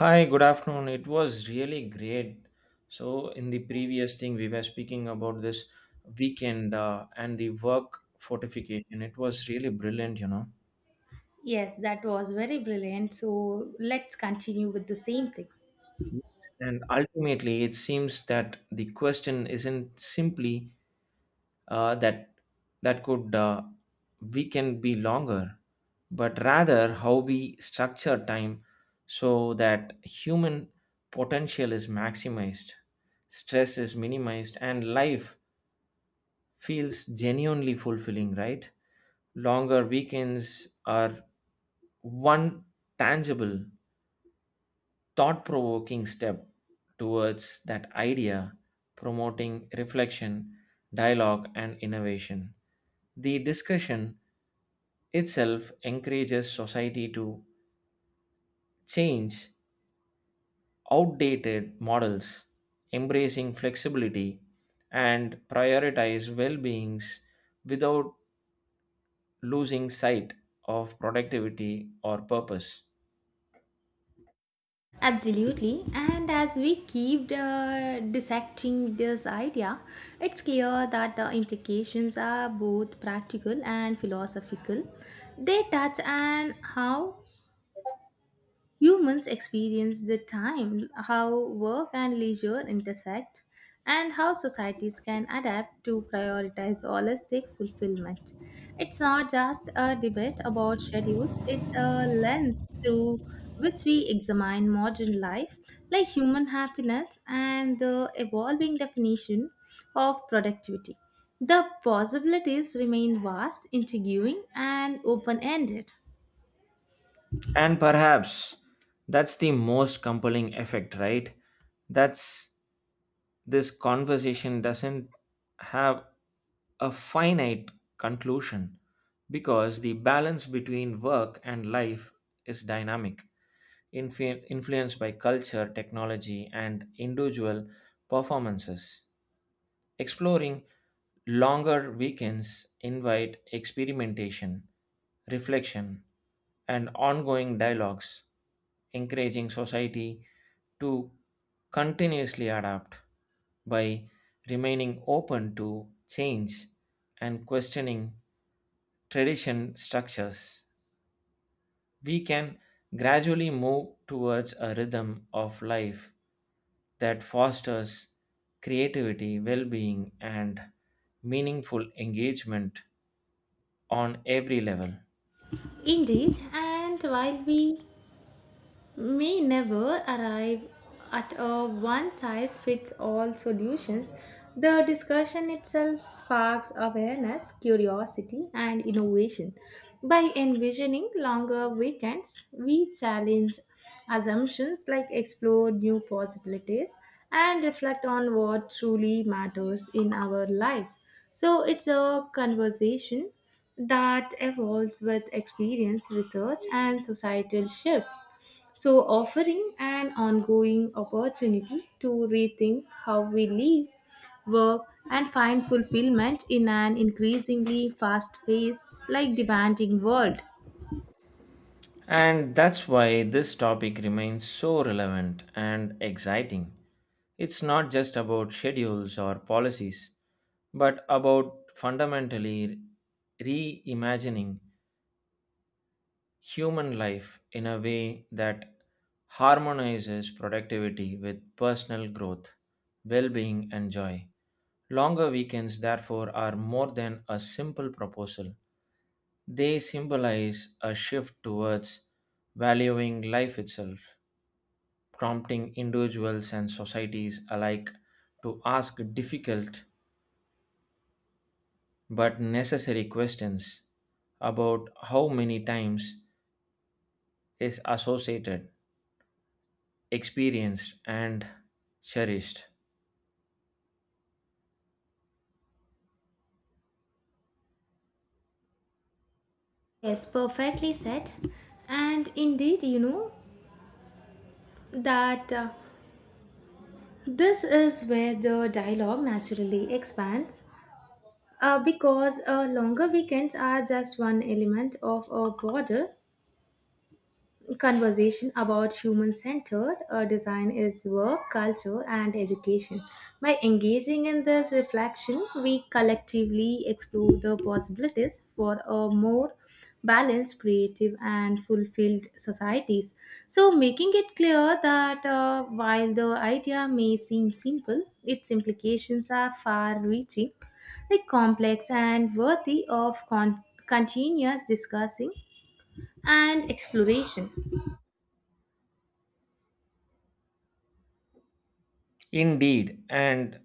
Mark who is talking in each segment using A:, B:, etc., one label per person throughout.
A: Hi, good afternoon. It was really great. So, in the previous thing, we were speaking about this weekend and the work fortification. It was really brilliant, you know.
B: Yes, that was very brilliant. So let's continue with the same thing.
A: Yes. And ultimately, it seems that the question isn't simply uh, that that could weekend be longer, but rather how we structure time so that human potential is maximized, stress is minimized, and life feels genuinely fulfilling, right? Longer weekends are one tangible, thought provoking step towards that idea, promoting reflection, dialogue, and innovation. The discussion itself encourages society to change outdated models, embracing flexibility, and prioritize well beings without losing sight of productivity or purpose.
B: Absolutely. And as we keep dissecting this idea, it's clear that the implications are both practical and philosophical. They touch on how humans experience the time, how work and leisure intersect, and how societies can adapt to prioritize holistic fulfillment. It's not just a debate about schedules, it's a lens through which we examine modern life, like human happiness and the evolving definition of productivity. The possibilities remain vast, intriguing, and open ended.
A: And perhaps that's the most compelling effect, right? That's this conversation doesn't have a finite conclusion because the balance between work and life is dynamic, influenced by culture, technology, and individual performances. Exploring longer weekends invite experimentation, reflection, and ongoing dialogues, encouraging society to continuously adapt by remaining open to change and questioning tradition structures. We can gradually move towards a rhythm of life that fosters creativity, well being, and meaningful engagement on every level.
B: Indeed, and while we may never arrive at a one size fits all solutions, the discussion itself sparks awareness, curiosity, and innovation. By envisioning longer weekends, we challenge assumptions, like explore new possibilities and reflect on what truly matters in our lives. So it's a conversation that evolves with experience, research, and societal shifts, so offering an ongoing opportunity to rethink how we live, work, and find fulfillment in an increasingly fast paced, like demanding world.
A: And that's why this topic remains so relevant and exciting. It's not just about schedules or policies, but about fundamentally reimagining human life in a way that harmonizes productivity with personal growth, well being, and joy. Longer weekends, therefore, are more than a simple proposal. They symbolize a shift towards valuing life itself, prompting individuals and societies alike to ask difficult but necessary questions about how many times is associated, experienced, and cherished.
B: Yes, perfectly said. And indeed, you know that this is where the dialogue naturally expands, because longer weekends are just one element of a broader conversation about human centered design is work, culture, and education. By engaging in this reflection, we collectively explore the possibilities for a more balanced, creative, and fulfilled societies. So, making it clear that while the idea may seem simple, its implications are far reaching, like complex, and worthy of continuous discussing and exploration.
A: Indeed, and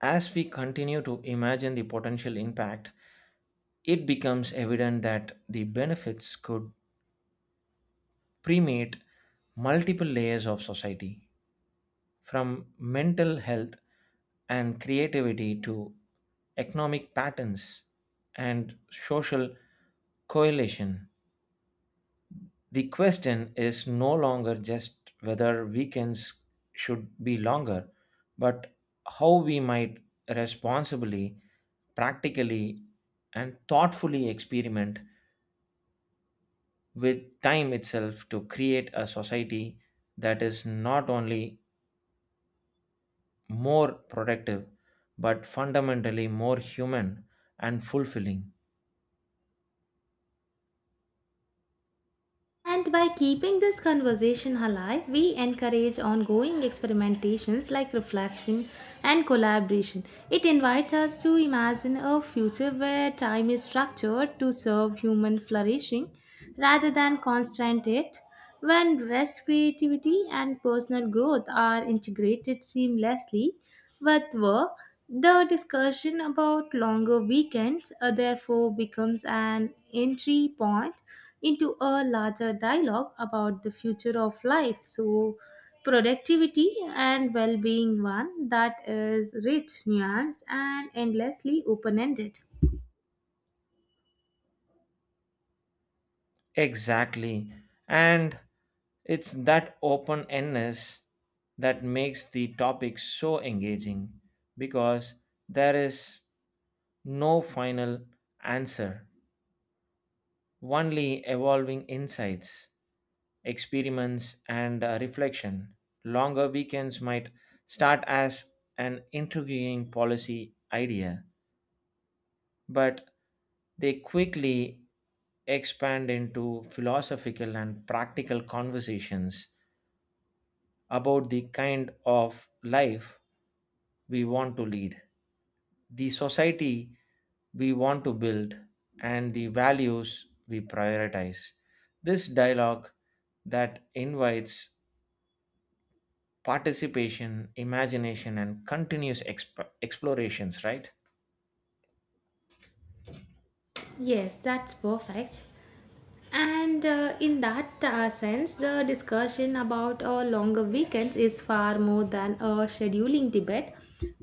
A: as we continue to imagine the potential impact, it becomes evident that the benefits could permeate multiple layers of society, from mental health and creativity to economic patterns and social coalition. The question is no longer just whether weekends should be longer, but how we might responsibly, practically, and thoughtfully experiment with time itself to create a society that is not only more productive but fundamentally more human and fulfilling.
B: And by keeping this conversation alive, we encourage ongoing experimentations like reflection and collaboration. It invites us to imagine a future where time is structured to serve human flourishing rather than constraint it, when rest, creativity, and personal growth are integrated seamlessly with work. The discussion about longer weekends therefore becomes an entry point into a larger dialogue about the future of life. So, productivity and well being, one that is rich, nuanced, and endlessly open ended.
A: Exactly. And it's that open endedness that makes the topic so engaging because there is no final answer, only evolving insights, experiments, and reflection. Longer weekends might start as an intriguing policy idea, but they quickly expand into philosophical and practical conversations about the kind of life we want to lead, the society we want to build, and the values we prioritize. This dialogue that invites participation, imagination, and continuous explorations, right?
B: Yes, that's perfect. And in that sense, the discussion about longer weekends is far more than a scheduling debate.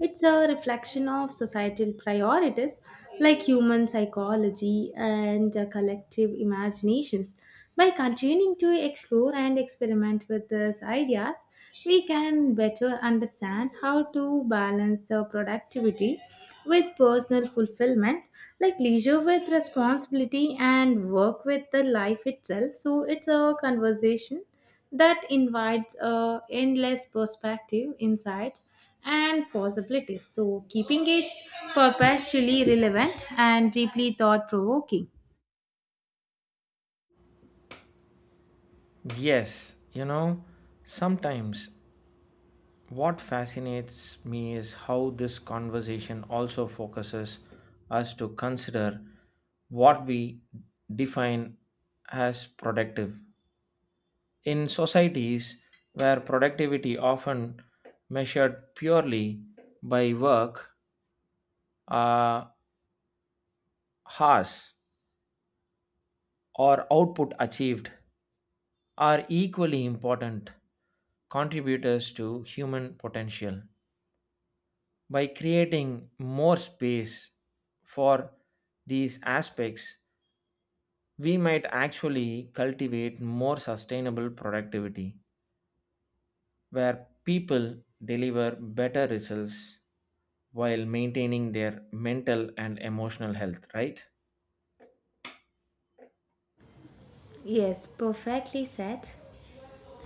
B: It's a reflection of societal priorities like human psychology and collective imaginations. By continuing to explore and experiment with these ideas, we can better understand how to balance the productivity with personal fulfillment, like leisure with responsibility and work with the life itself. So it's a conversation that invites a endless perspective insights and possibilities, so keeping it perpetually relevant and deeply thought provoking.
A: Yes, you know, sometimes what fascinates me is how this conversation also focuses us to consider what we define as productive. In societies where productivity often measured purely by work uh, hours or output achieved, are equally important contributors to human potential. By creating more space for these aspects, we might actually cultivate more sustainable productivity where people deliver better results while maintaining their mental and emotional health, right?
B: Yes, perfectly said.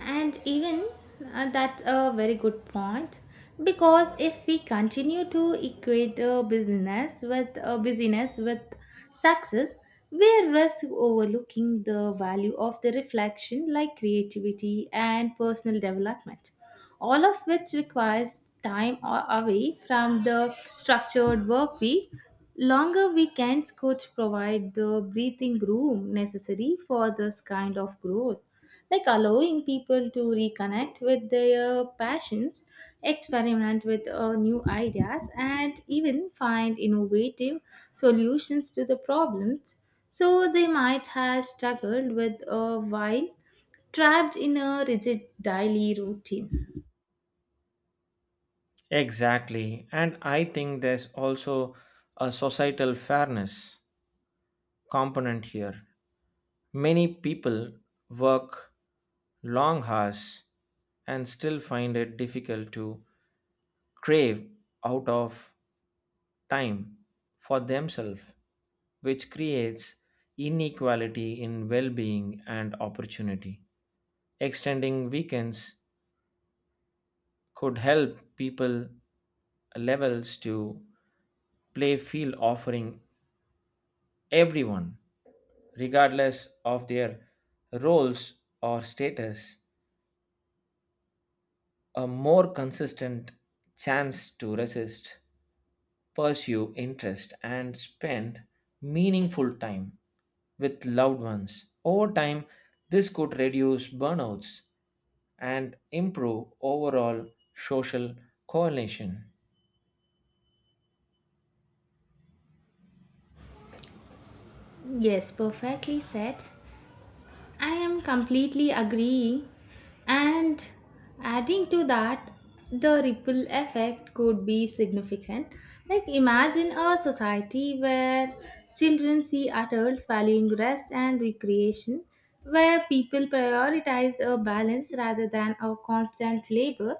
B: And even that's a very good point, because if we continue to equate business with busyness with success, we risk overlooking the value of the reflection like creativity and personal development, all of which requires time away from the structured work week. Longer weekends could provide the breathing room necessary for this kind of growth, like allowing people to reconnect with their passions, experiment with new ideas, and even find innovative solutions to the problems. So they might have struggled with a while trapped in a rigid daily routine.
A: Exactly. And I think there's also a societal fairness component here. Many people work long hours and still find it difficult to crave out of time for themselves, which creates inequality in well being and opportunity. Extending weekends could help people levels to play field offering everyone, regardless of their roles or status, a more consistent chance to resist, pursue interest, and spend meaningful time with loved ones. Over time, this could reduce burnouts and improve overall social coalition.
B: Yes, perfectly said. I am completely agreeing. And adding to that, the ripple effect could be significant. Like, imagine a society where children see adults valuing rest and recreation, where people prioritize a balance rather than a constant labor.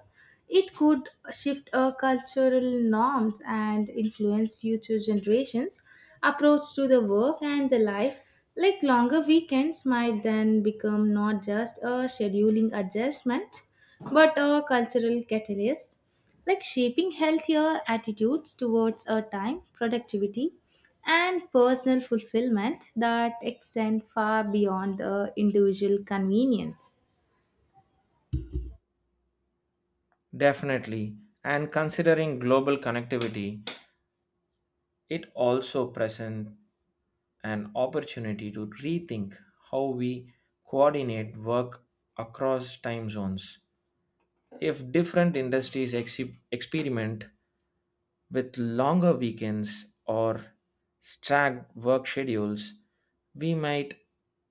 B: It could shift our cultural norms and influence future generations' approach to the work and the life. Like longer weekends might then become not just a scheduling adjustment, but a cultural catalyst, like shaping healthier attitudes towards our time, productivity, and personal fulfillment that extend far beyond the individual convenience.
A: Definitely, and considering global connectivity, it also presents an opportunity to rethink how we coordinate work across time zones. If different industries experiment with longer weekends or stacked work schedules, we might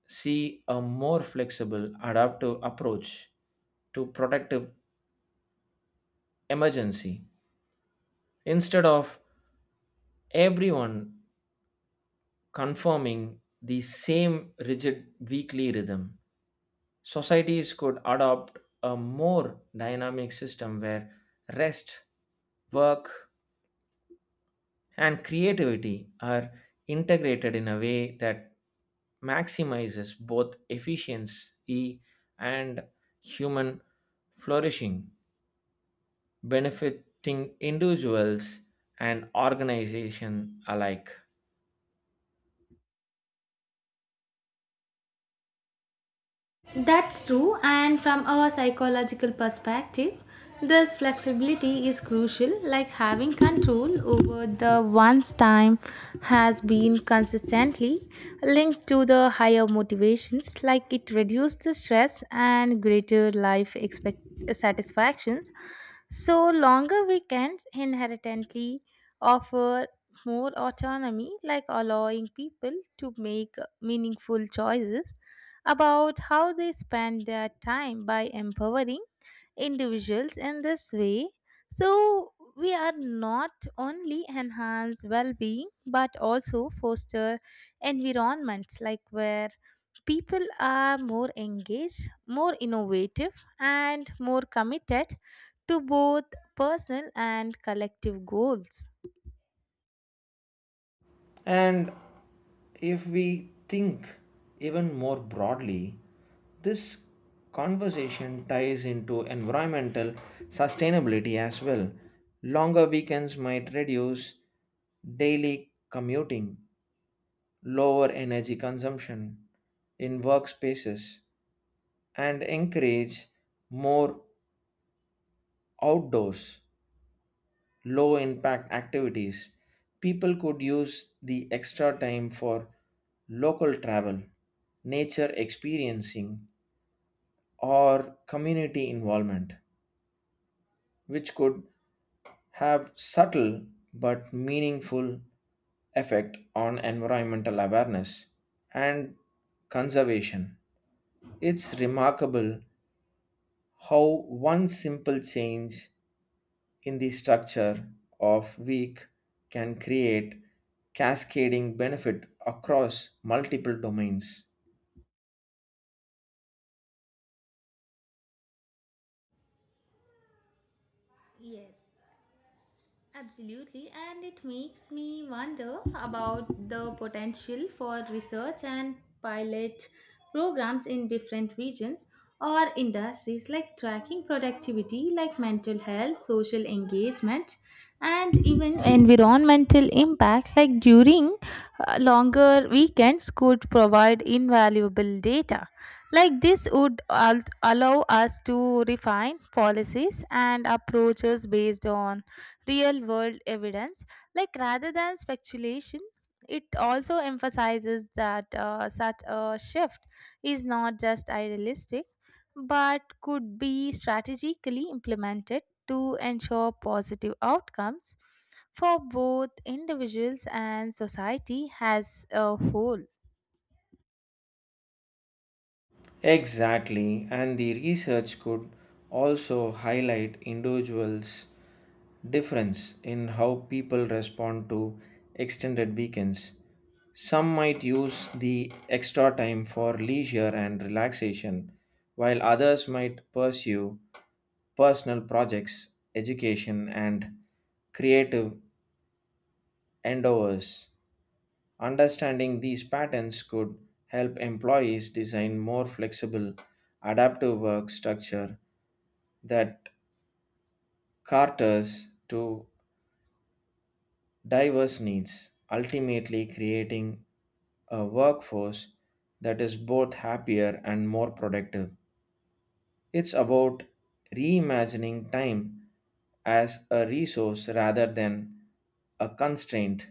A: see a more flexible, adaptive approach to protective emergency instead of everyone conforming the same rigid weekly rhythm. Societies could adopt a more dynamic system where rest, work, and creativity are integrated in a way that maximizes both efficiency and human flourishing, benefiting individuals and organization alike.
B: That's true, and from our psychological perspective, this flexibility is crucial, like having control over the one's time has been consistently linked to the higher motivations, like it reduces the stress and greater life satisfactions. So, longer weekends inherently offer more autonomy, like allowing people to make meaningful choices about how they spend their time by empowering individuals in this way. So, we are not only enhance well-being but also foster environments like where people are more engaged, more innovative, and more committed to both personal and collective goals.
A: And if we think even more broadly, this conversation ties into environmental sustainability as well. Longer weekends might reduce daily commuting, lower energy consumption in workspaces, and encourage more outdoors, low impact activities. People could use the extra time for local travel, nature experiencing, or community involvement, which could have subtle but meaningful effect on environmental awareness and conservation. It's remarkable how one simple change in the structure of week can create cascading benefit across multiple domains.
B: Yes. Absolutely, and it makes me wonder about the potential for research and pilot programs in different regions or industries, like tracking productivity, like mental health, social engagement, and even environmental impact, like during longer weekends, could provide invaluable data. Like this would allow us to refine policies and approaches based on real world evidence, like rather than speculation. It also emphasizes that such a shift is not just idealistic but could be strategically implemented to ensure positive outcomes for both individuals and society as a whole.
A: Exactly, and the research could also highlight individuals' difference in how people respond to extended weekends. Some might use the extra time for leisure and relaxation, while others might pursue personal projects, education, and creative endeavors. Understanding these patterns could help employees design more flexible, adaptive work structure that caters to diverse needs, ultimately creating a workforce that is both happier and more productive. It's about reimagining time as a resource rather than a constraint.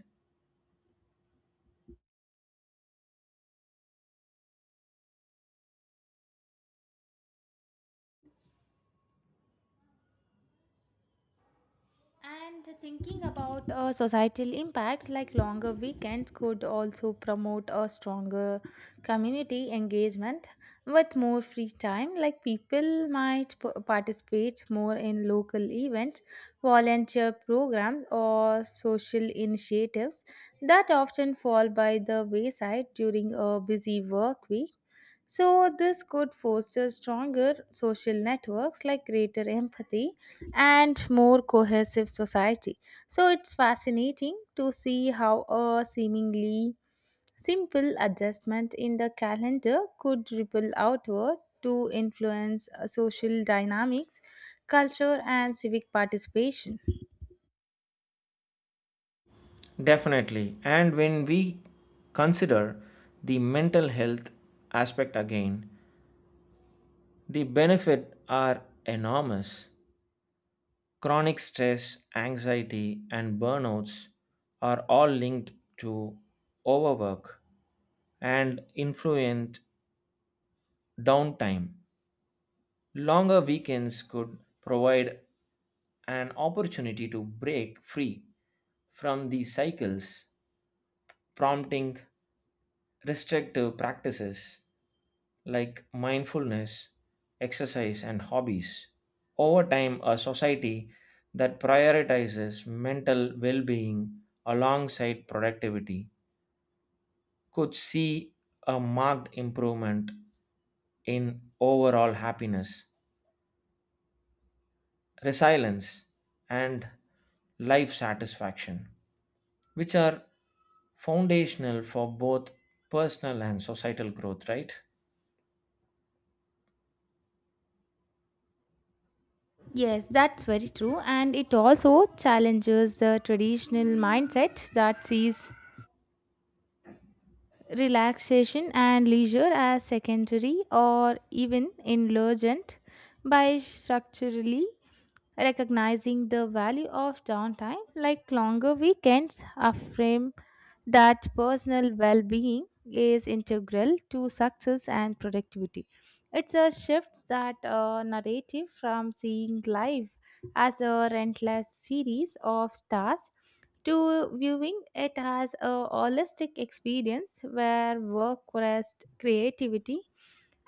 B: And thinking about societal impacts, like longer weekends could also promote a stronger community engagement. With more free time, like people might participate more in local events, volunteer programs, or social initiatives that often fall by the wayside during a busy work week. So, this could foster stronger social networks like greater empathy and more cohesive society. So, it's fascinating to see how a seemingly simple adjustment in the calendar could ripple outward to influence social dynamics, culture, and civic participation.
A: Definitely. And when we consider the mental health aspect again, the benefits are enormous. Chronic stress, anxiety, and burnouts are all linked to overwork and influent downtime. Longer weekends could provide an opportunity to break free from these cycles, prompting restrictive practices like mindfulness, exercise, and hobbies. Over time, a society that prioritizes mental well being alongside productivity could see a marked improvement in overall happiness, resilience, and life satisfaction, which are foundational for both personal and societal growth, right?
B: Yes, that's very true. And it also challenges the traditional mindset that sees relaxation and leisure as secondary or even indulgent. By structurally recognizing the value of downtime, like longer weekends affirm that personal well-being is integral to success and productivity. It's a shift that narrative from seeing life as a relentless series of stars to viewing it as a holistic experience where work, rest, creativity,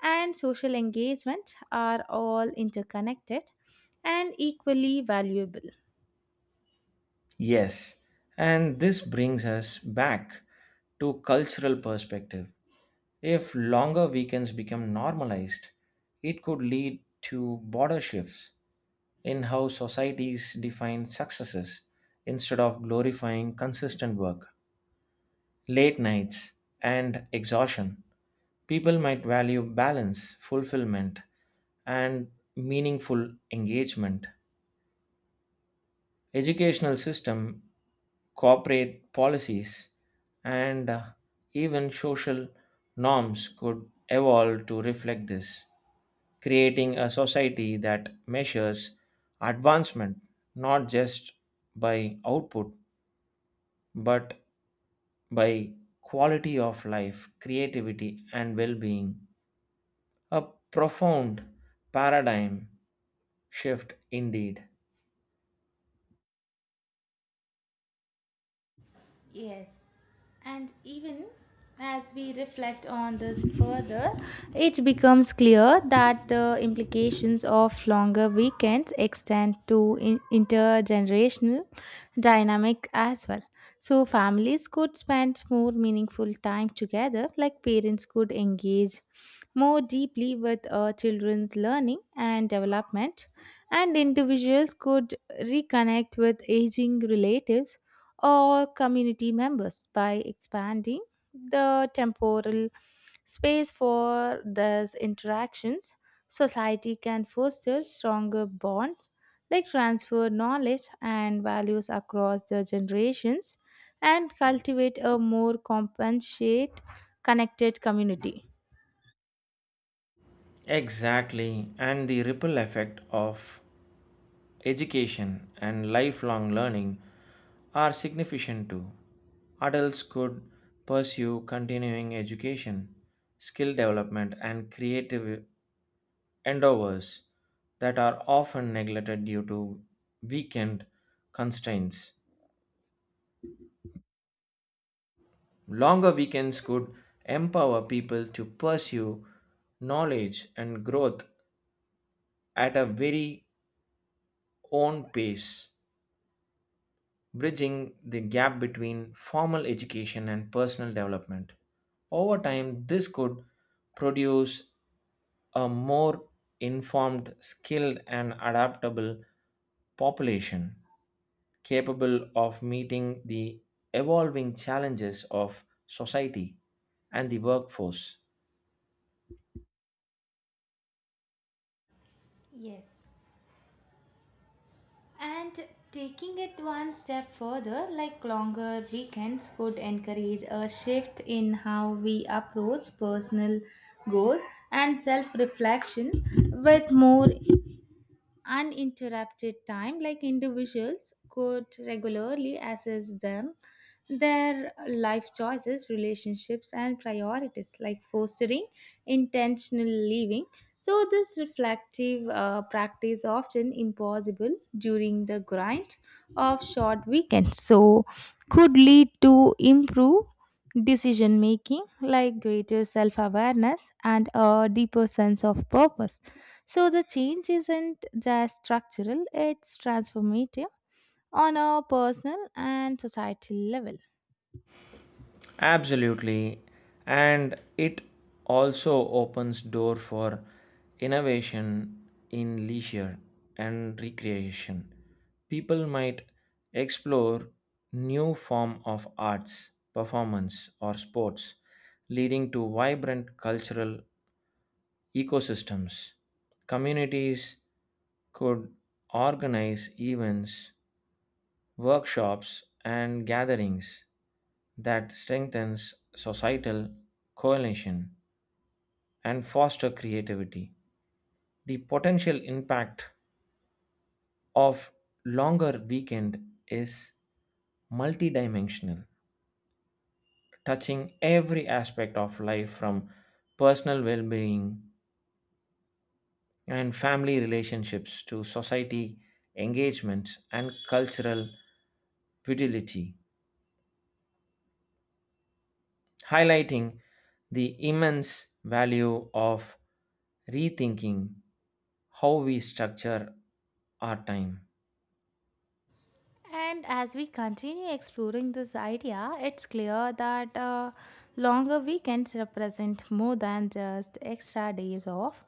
B: and social engagement are all interconnected and equally valuable.
A: Yes, and this brings us back to cultural perspective. If longer weekends become normalized, it could lead to border shifts in how societies define successes instead of glorifying consistent work, late nights and exhaustion. People might value balance, fulfillment, and meaningful engagement. Educational system, corporate policies, and even social norms could evolve to reflect this, creating a society that measures advancement not just by output but by quality of life, creativity, and well being. A profound paradigm shift indeed.
B: Yes, and even as we reflect on this further, it becomes clear that the implications of longer weekends extend to intergenerational dynamic as well. So, families could spend more meaningful time together, like parents could engage more deeply with children's learning and development, and individuals could reconnect with aging relatives or community members. By expanding the temporal space for these interactions, society can foster stronger bonds, like transfer knowledge and values across the generations, and cultivate a more compensate, connected community.
A: Exactly, and the ripple effect of education and lifelong learning are significant too. Adults could pursue continuing education, skill development, and creative endeavors that are often neglected due to weekend constraints. Longer weekends could empower people to pursue knowledge and growth at a very own pace, bridging the gap between formal education and personal development. Over time, this could produce a more informed, skilled, and adaptable population capable of meeting the evolving challenges of society and the workforce.
B: Yes. And taking it one step further, like longer weekends could encourage a shift in how we approach personal goals and self reflection. With more uninterrupted time, like individuals could regularly assess them, their life choices, relationships, and priorities, like fostering intentional living. So this reflective practice, often impossible during the grind of short weekends, so could lead to improve decision making, like greater self awareness and a deeper sense of purpose. So the change isn't just structural, it's transformative on a personal and societal level.
A: Absolutely. And it also opens door for innovation in leisure and recreation. People might explore new form of arts, performance or sports, leading to vibrant cultural ecosystems. Communities could organize events, workshops and gatherings that strengthens societal coalition and foster creativity. The potential impact of longer weekend is multidimensional, touching every aspect of life from personal well-being and family relationships to society engagements and cultural fidelity, highlighting the immense value of rethinking how we structure our time.
B: And as we continue exploring this idea, it's clear that longer weekends represent more than just extra days off.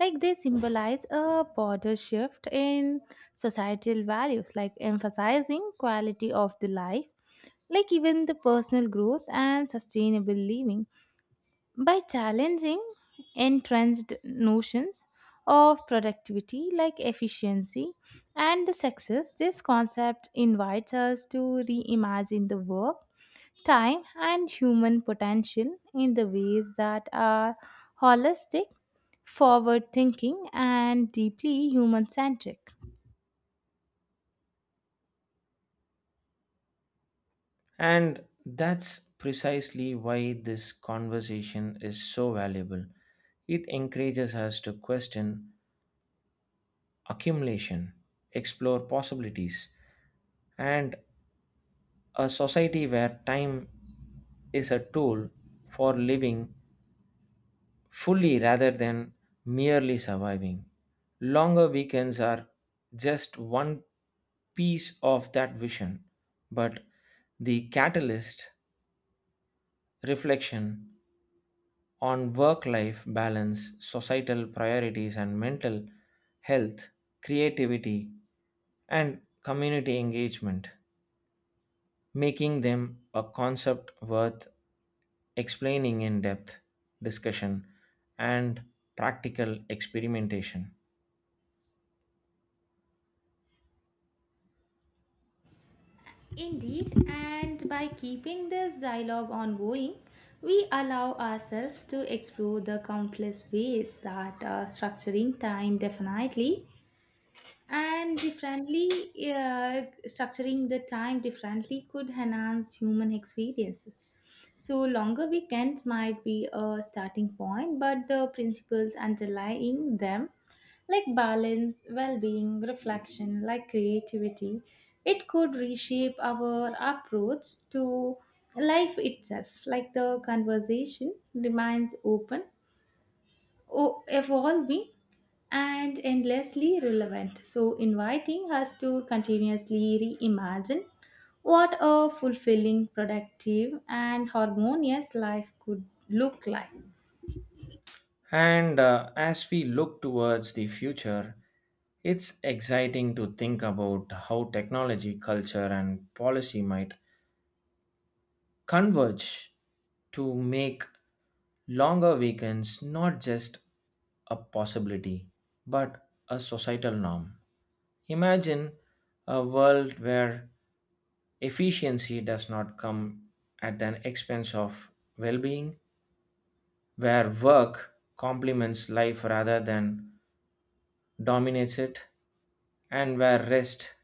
B: Like they symbolize a broader shift in societal values, like emphasizing quality of the life, like even the personal growth and sustainable living. By challenging entrenched notions of productivity, like efficiency and the success, this concept invites us to reimagine the work, time, and human potential in the ways that are holistic, forward thinking, and deeply human centric.
A: And that's precisely why this conversation is so valuable. It encourages us to question accumulation, explore possibilities, and a society where time is a tool for living fully rather than merely surviving. Longer weekends are just one piece of that vision, but the catalyst, reflection on work life balance, societal priorities, and mental health, creativity, and community engagement, making them a concept worth explaining in depth, discussion, and practical experimentation.
B: Indeed, and by keeping this dialogue ongoing, we allow ourselves to explore the countless ways that structuring the time differently could enhance human experiences. So longer weekends might be a starting point, but the principles underlying them, like balance, well-being, reflection, like creativity, it could reshape our approach to life itself. Like the conversation remains open, evolving, and endlessly relevant, so inviting us to continuously reimagine what a fulfilling, productive, and harmonious life could look like.
A: And as we look towards the future, it's exciting to think about how technology, culture, and policy might converge to make longer weekends not just a possibility but a societal norm. Imagine a world where efficiency does not come at an expense of well being, where work complements life rather than dominates it, and where rest,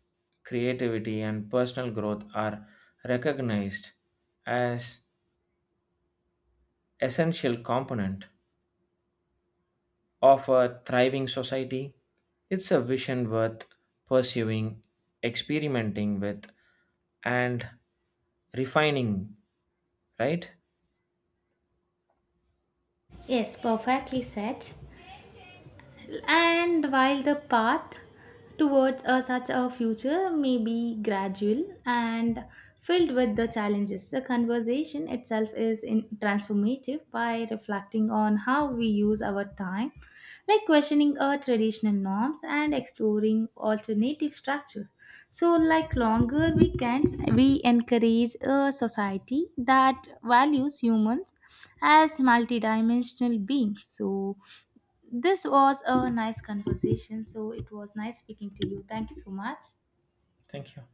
A: creativity, and personal growth are recognized as essential component of a thriving society. It's a vision worth pursuing, experimenting with, and refining, right?
B: Yes, perfectly said. And while the path towards a, such a future may be gradual and filled with the challenges, the conversation itself is in, transformative by reflecting on how we use our time, like questioning our traditional norms and exploring alternative structures. So, like longer weekends, we encourage a society that values humans as multidimensional beings. So, this was a nice conversation, so it was nice speaking to you. Thank you so much.
A: Thank you.